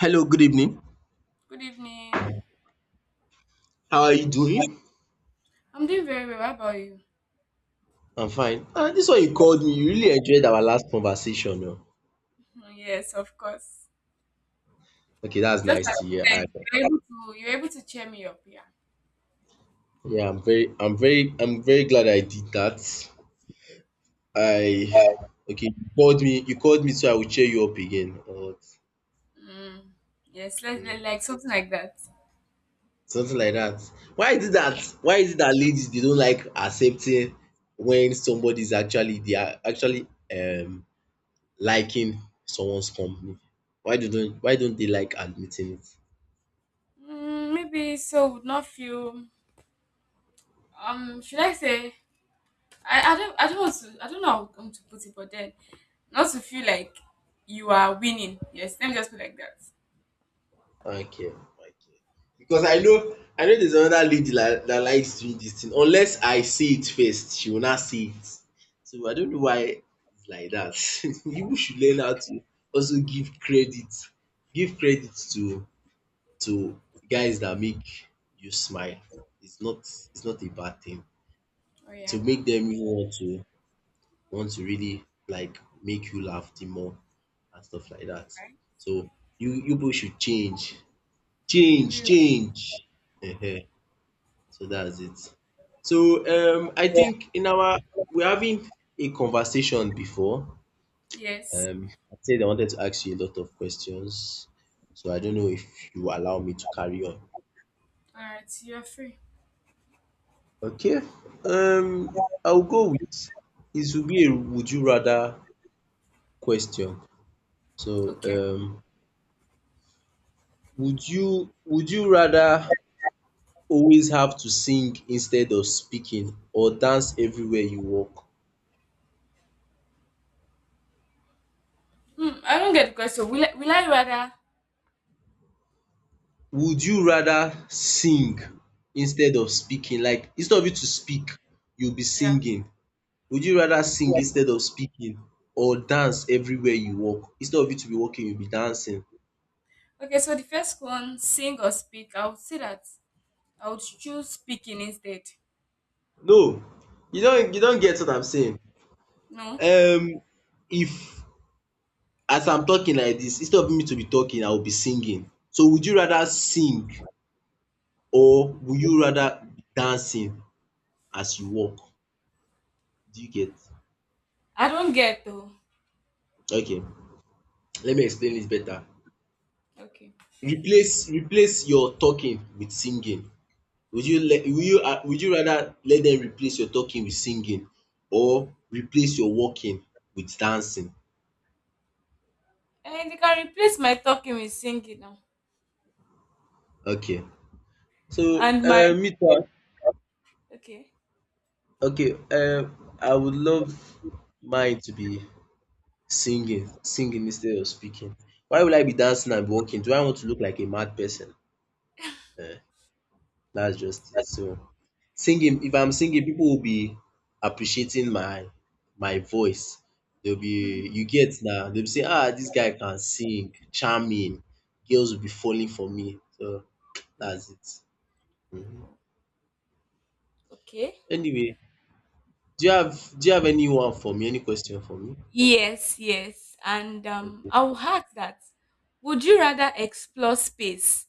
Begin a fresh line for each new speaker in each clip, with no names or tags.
Hello, good evening.
Good evening.
How are you doing?
I'm doing very well. How about you?
I'm fine. Ah, this one you called me, you really enjoyed our last conversation oh.
Mm, yes, of course.
Okay, that's
Just like
nice to hear.
you
I
said, you're able to cheer me up, yeah.
Yeah, I'm very glad I did that. I Okay, you called me so I will cheer you up again or what?
Mm. Yes,
Hmm,
like something like that.
something like that. Why is it
Yeah.
that why is it that ladies they don't like accepting when somebody is actually they are actually um liking someone's company? Why don't they like admitting it?
Mm, maybe so would not feel. Should I say? I don't I don't want to I don't know how I'm to put it, but then not to feel like you are winning. Yes, let me just put it like that.
Okay, okay. Because I know there's another lady that likes doing this thing. Unless I see it first, she will not see it. So I don't know why it's like that. People should learn how to also give credit to guys that make you smile. It's not a bad thing.
Oh
It
yeah,
will make
now.
them even want to really like make you laugh the more and stuff like that.
Okay.
So you both should change.
We
Change,
will.
change. Ehen, so that's it. So I think in our we're having a conversation before.
Yes.
I said I wanted to ask you a lot of questions. So I don't know if you allow me to carry on.
All right. You are free.
Okay. I'll go with it will be a would you rather question. So
Okay.
would you rather always have to sing instead of speaking or dance everywhere you walk?
Hmm. I don't get the question. Will I rather
Would you rather sing instead of speaking? Like instead of you to speak, you'll be
yeah.
singing. Would you rather sing instead of speaking or dance everywhere you walk? Instead of you to be walking, you'll be dancing.
Okay, so the first one, sing or speak, I would say that I would choose speaking instead.
No, you don't get what I'm saying.
No,
Um if as I'm talking like this, instead of me to be talking, I will be singing. So would you rather sing or would you rather be dancing as you walk? Do you get?
I don't get though.
Okay, let me explain this better.
Okay.
Replace your talking with singing. Would you let will you ah would you rather let them replace your talking with singing or replace your walking with dancing?
And you can replace my talking with singing now.
Okay, so
And my.
me too
Okay,
okay, I would love mine to be singing instead of speaking. Why would I be dancing and walking? Do I want to look like a mad person? um that's just it. So, singing,
true.
if I'm singing people will be appreciating my voice, they will be
Mm-hmm.
you get now? They will be saying, “ah this guy can sing, charming”, girls will be falling for me, so that's it. um
Okay.
Anyway, do you have anyone for me, any question for me?
Yes, yes. And
Okay.
I will ask that would you rather explore space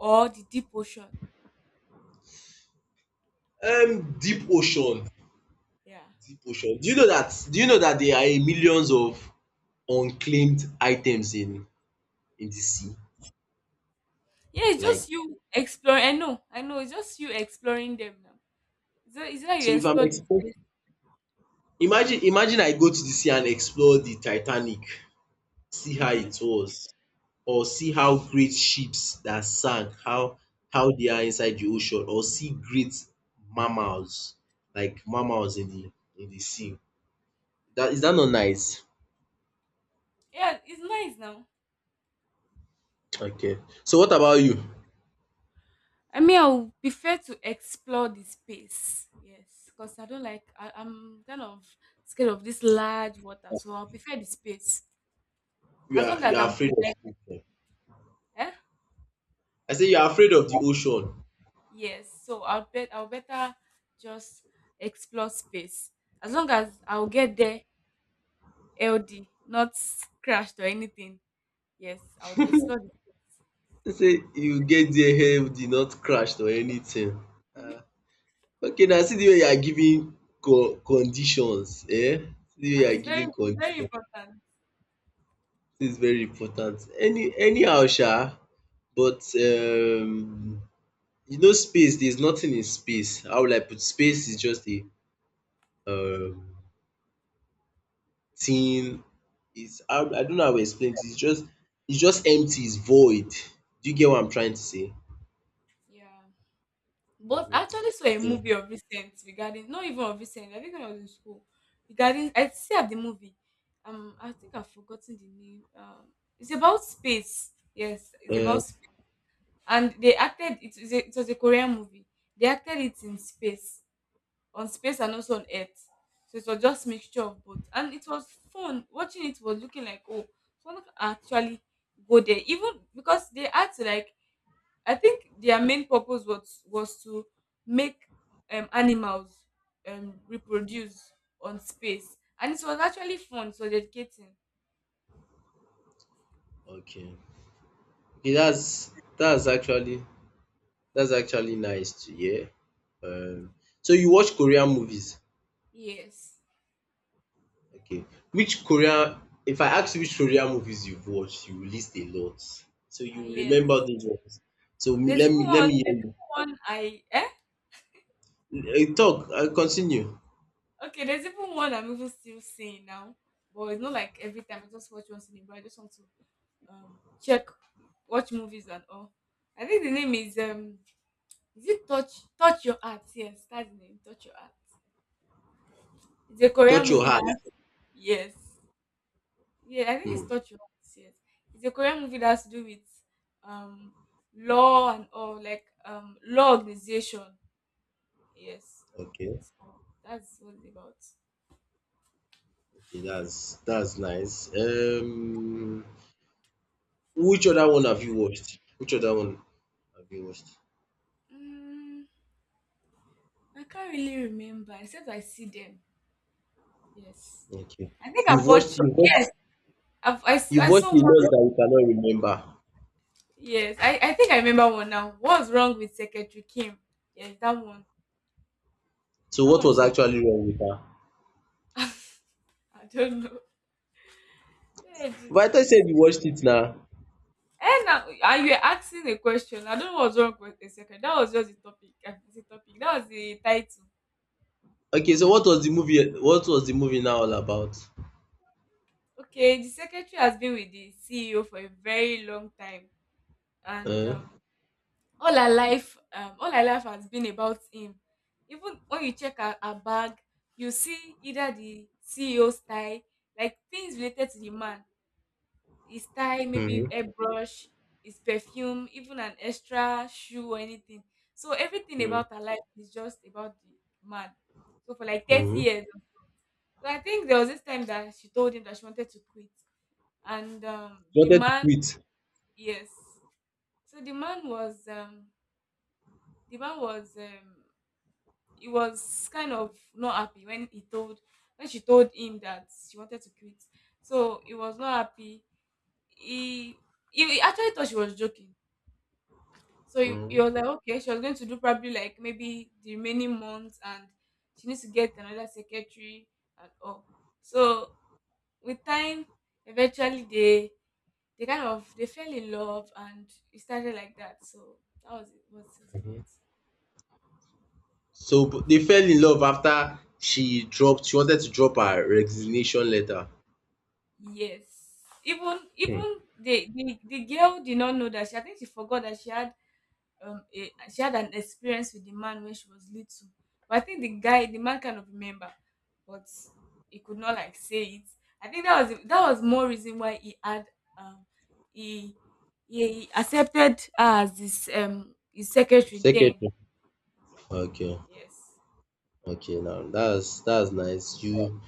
or the deep ocean?
Deep ocean,
Yeah.
do you know that? Do you know that there are millions of unclaimed items in the sea?
Yeah, it's
Like,
just you exploring. I know, I know. It's just you exploring them now. It's not
so
you
if I'm
explore the
exposed.
space.
Imagine I go to the sea and explore the Titanic, see how
Mhm.
it was or see how great ships that sank, how they are inside the ocean, or see great mammals, like mammals in the sea. That, is that not nice?
Yeah, it's nice now.
Okay. So what about you?
I mean, I will prefer to explore the space. Yes, because I don't like. I'm kind of scared of this large water, so I'll prefer the space
You
as long
are you
as
are
I'm
afraid of
protected.
ocean.
Eh?
I say you are afraid of the ocean.
Yes, so I'll better just explore space as long as I'll get there LD, not crashed or anything. Yes, I would explore. It.
I say you get there hell did not crash or anything. Ah. Okay now, see the way you are giving conditions eh? See the way you
And
are
it's very
giving
very
conditions,
important.
this is very important. Anyhow sha, but space, there is nothing in space. How will I put, space is just a um thing. Is I I don't know how to explain it. It's just empty, it's void. Do you get what I'm trying to say?
Yeah. But I
Mhm.
actually saw a
Yeah.
movie of recent, regarding not even of recent, I think when I was in school. Regarding I saw the movie. I think I've forgotten the name. It's about space. Yes, it's about
um
space. And they acted it was it was a Korean movie. They acted it in space. On space and also on Earth. So it was just mixture of both. And it was fun. Watching it was looking like, oh, someone can actually go there. Even because they had to like I think their main purpose was to make animals reproduce on space, and it was actually fun. It was educating.
okay. Okay that's that's actually That's actually nice to hear. Um, so you watch Korean movies.
Yes,
Okay. Which Korean, if I ask you which Korean movies you've watched, you will list a lot. So
ah
you
yes.
remember those ones. So m-
There's
let
even
me let
one.
me hear
There's even one I eh
you. Talk, I continue.
okay. There's even one I'm even still seeing now, but it's not like every time I just watch once in a while. I just want to um check, watch movies and all. I think the name is it touch your heart? Yes, that's the name. Touch your heart. It's a Korean
Touch your
movie that
heart.
yes. Yeah, I think it's
Hmm.
Touch You Once, yes. It's a Korean movie that has to do with um law and all, like law organization. Yes.
Okay.
So that's what it's about.
Okay, that's nice. Which other one have you watched? Which other one have you watched?
Mm, I can't really remember except I see them. Yes.
Okay.
I think I
You've
bought
watched you've watched,
yes.
you've
I
watched
saw
a lot
one.
that you cannot remember.
Yes, I think I remember one now. What's wrong with Secretary Kim? Yes, that one.
So
That
what was
one's it.
actually wrong with her?
I don't know. Yeah,
But I thought you
Jesus.
said you watched it now.
And now, and you were asking a question. I don't know what's wrong with the secretary. That was just the topic. I mean, the topic. That was the title.
Okay, so what was the movie? What was the movie now all about?
Okay, the secretary has been with the CEO for a very long time, and
Uh,
all her life has been about him. Even when you check her bag, you see either the CEO style, like things related to the man, his tie, maybe
mm-hmm,
airbrush, his perfume, even an extra shoe or anything. So everything about her life is just about the man. So for like 30
mm-hmm.
years. So I think there was this time that she told him that she wanted to quit. And
She
the
wanted to
man,
quit.
yes. So the man was he was kind of not happy when he told when she told him that she wanted to quit. So he was not happy. He he actually thought she was joking. So you're
Mm-hmm.
like, okay, she was going to do probably like maybe the remaining months and she needs to get another secretary and all. So with time, eventually they kind of they fell in love and it started like that. So that was what it was about.
So but they fell in love after she dropped. She wanted to drop her resignation letter.
Yes. Even
Hmm.
even the girl did not know that she I think she forgot that she had she had an experience with the man when she was little, but I think the man kind of remember, but he could not like say it. I think that was more reason why he had um he he accepted her as this his secretary then.
Secretary. Okay,
Yes,
okay. Now that's nice. You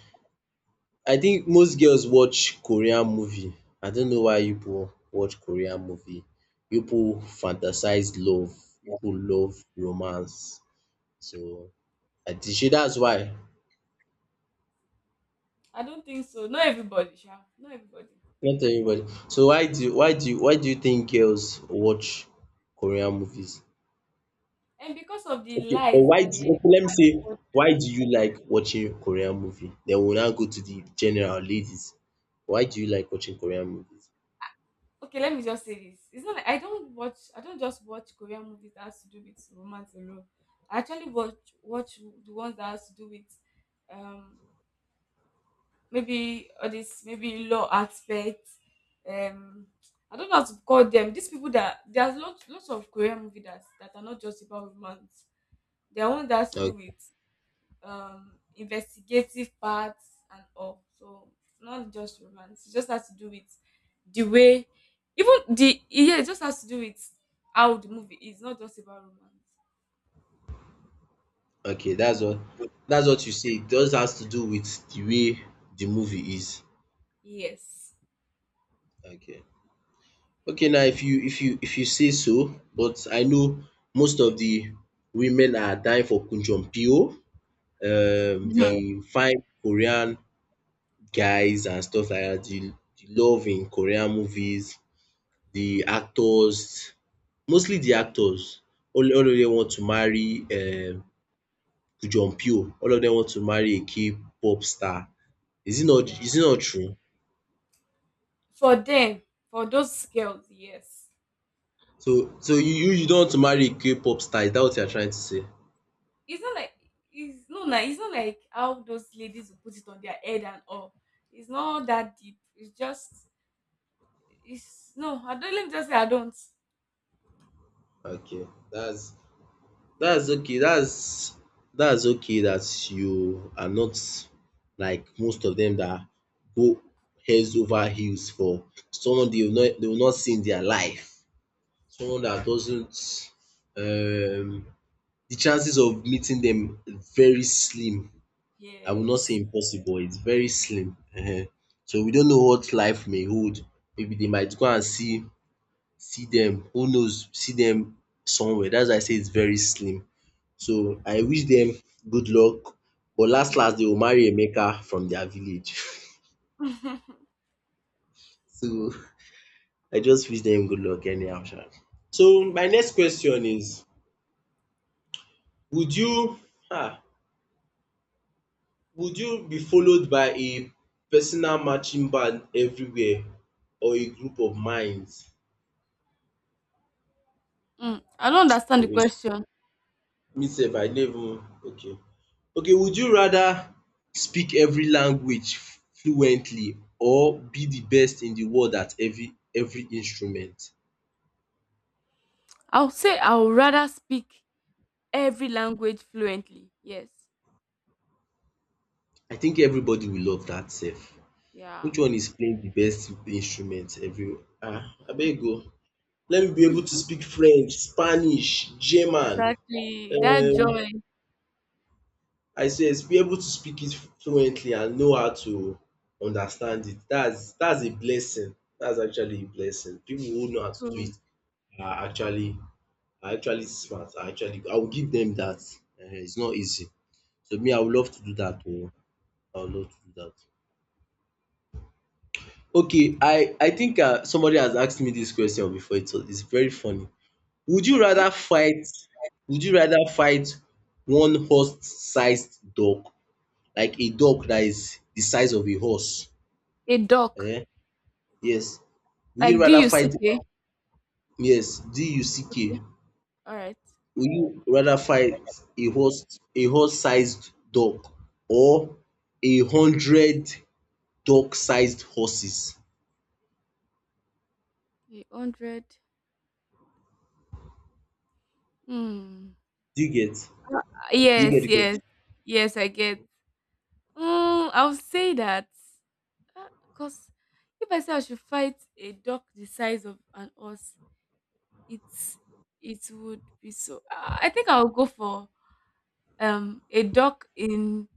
I think most girls watch Korean movie. I don't know why you people watch Korean movie. You people fantasize love. You people love romance. So I think shey that's why.
I don't think so, not everybody sha, not everybody.
Not everybody. So why do you think girls watch Korean movies?
And because of the
Okay, or
lies
why
that
do
they
okay, let me say, why do you like watching Korean movie? Then we will now go to the general ladies. Why do you like watching Korean movies?
okay, let me just say this. It's not like I don't watch, I don't just watch Korean movies that has to do with romance alone. I actually watch the ones that has to do with um maybe all this, maybe law aspect. um I don't know how to call them, these people that there's lots of Korean movies that are not just about romance. There are ones that has to do
Okay.
with investigative parts and all. So it's not just romance. It just has to do with the way, even the, yeah, it just has to do with how the movie is, not just about romance.
Okay, that's what you say. It just has to do with the way the movie is.
Yes.
Okay. Okay, now if you say so, but I know most of the women are dying for Kun Jong Pyo, the fine Korean guys and stuff like that, the love in Korean movies, the actors, mostly the actors. All of them want to marry Kun Jong Pyo. All of them want to marry a K-pop star. Is it not
Yeah.
is it not true?
For them, for those girls, yes.
So you don't want to marry a K-pop star, is that what you're trying to say?
It's not like it's no. Like it's not like how those ladies will put it on their head and all. It's not that deep. It's just it's no, I don't, let me just say I don't.
Okay, that's okay. That's okay that you are not like most of them that go heads over heels for someone they will not see in their life. Someone that doesn't um the chances of meeting them is very slim. I will not say
Yes.
impossible, it's very slim. Ehen. So we don't know what life may hold. Maybe they might go and see dem, who knows, see dem somewhere. Dats why I say its very slim, so
True.
I wish dem good luck, but las las dey go marry Emeka from dia village. So I just wish dem good luck anyhow sha. So my next question is, would you um would you be followed by a personal marching band everywhere or a group of minds?
Mm, I don't understand the question.
Me sef I no even okay. Okay, would you rather speak every language fluently or be de best in de world at every instrument?
I'll say I would rather speak every language fluently. Yes.
I think everybody will love dat sef.
Yeah.
Which one is playing de best instrument every abeg
Mhm.
o, let me be able to speak French, Spanish, German.
Exactly. That
um
joy.
I says be able to speak it fluently and know how to understand it. Dats a blessing. Dats actually a blessing. Pipu who know how to do
True.
it are actually smart, are actually good. I will give dem dat. It's not easy. So me, I would
Yeah.
love to do dat oo. I would love to do dat. Okay, I think somebody has asked me dis question before. It's very funny. Would you
Okay.
rather fight would you rather fight one horse sized dog, like a dog that is the size of a horse.
A duck.
um Yes. Will you
Like D
rather
U C
fight,
K.
yes, duck.
Okay. All right.
Will you rather fight a horse a horse-sized dog or 100 dog-sized horses?
A hundred. Hmm.
Do you get?
Uh,
Do you get
yes.
the question?
Yes. Yes. I get. Mm, I'll say that. Because if I say I should fight a duck the size of an horse, it's it would be so. I think I'll go for a duck in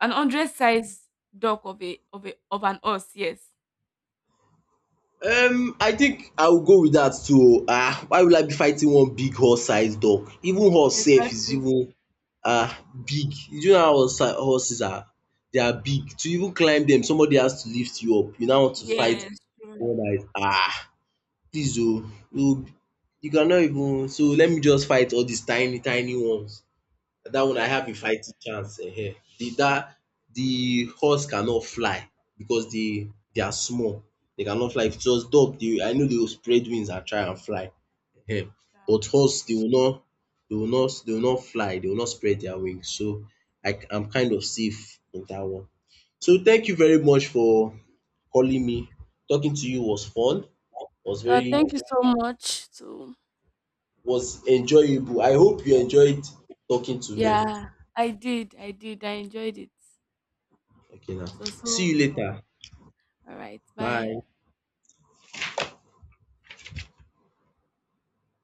an hundred size duck of a of an horse. Yes,
I think I will go with dat too oo. Why will I be fighting one big horse-sized dog? Even horse sef is
exactly.
even are big. Do you know how horses are? They are big. To even climb dem somebody has to lift you up. You now want to fight
Yes, true.
someone that is please o, you you cannot even, so let me just fight all dis tiny tiny ones. That one I
Yes.
have a fighting chance, ehen. The horse cannot fly because they are small. They cannot fly. If it was dog dey, I know they will spread wings and try and fly, ehen. But horse they will not they will not they will not fly, they will not spread their wings. So I am kind of safe in that one. So thank you very much for calling me. Talking to you was fun, was very
Thank you so much. So
was enjoyable. I hope you enjoyed talking to me.
yeah, I did. I did. I enjoyed it.
Okay now.
So
See
so
you
fun.
later.
All right. Bye.
Bye.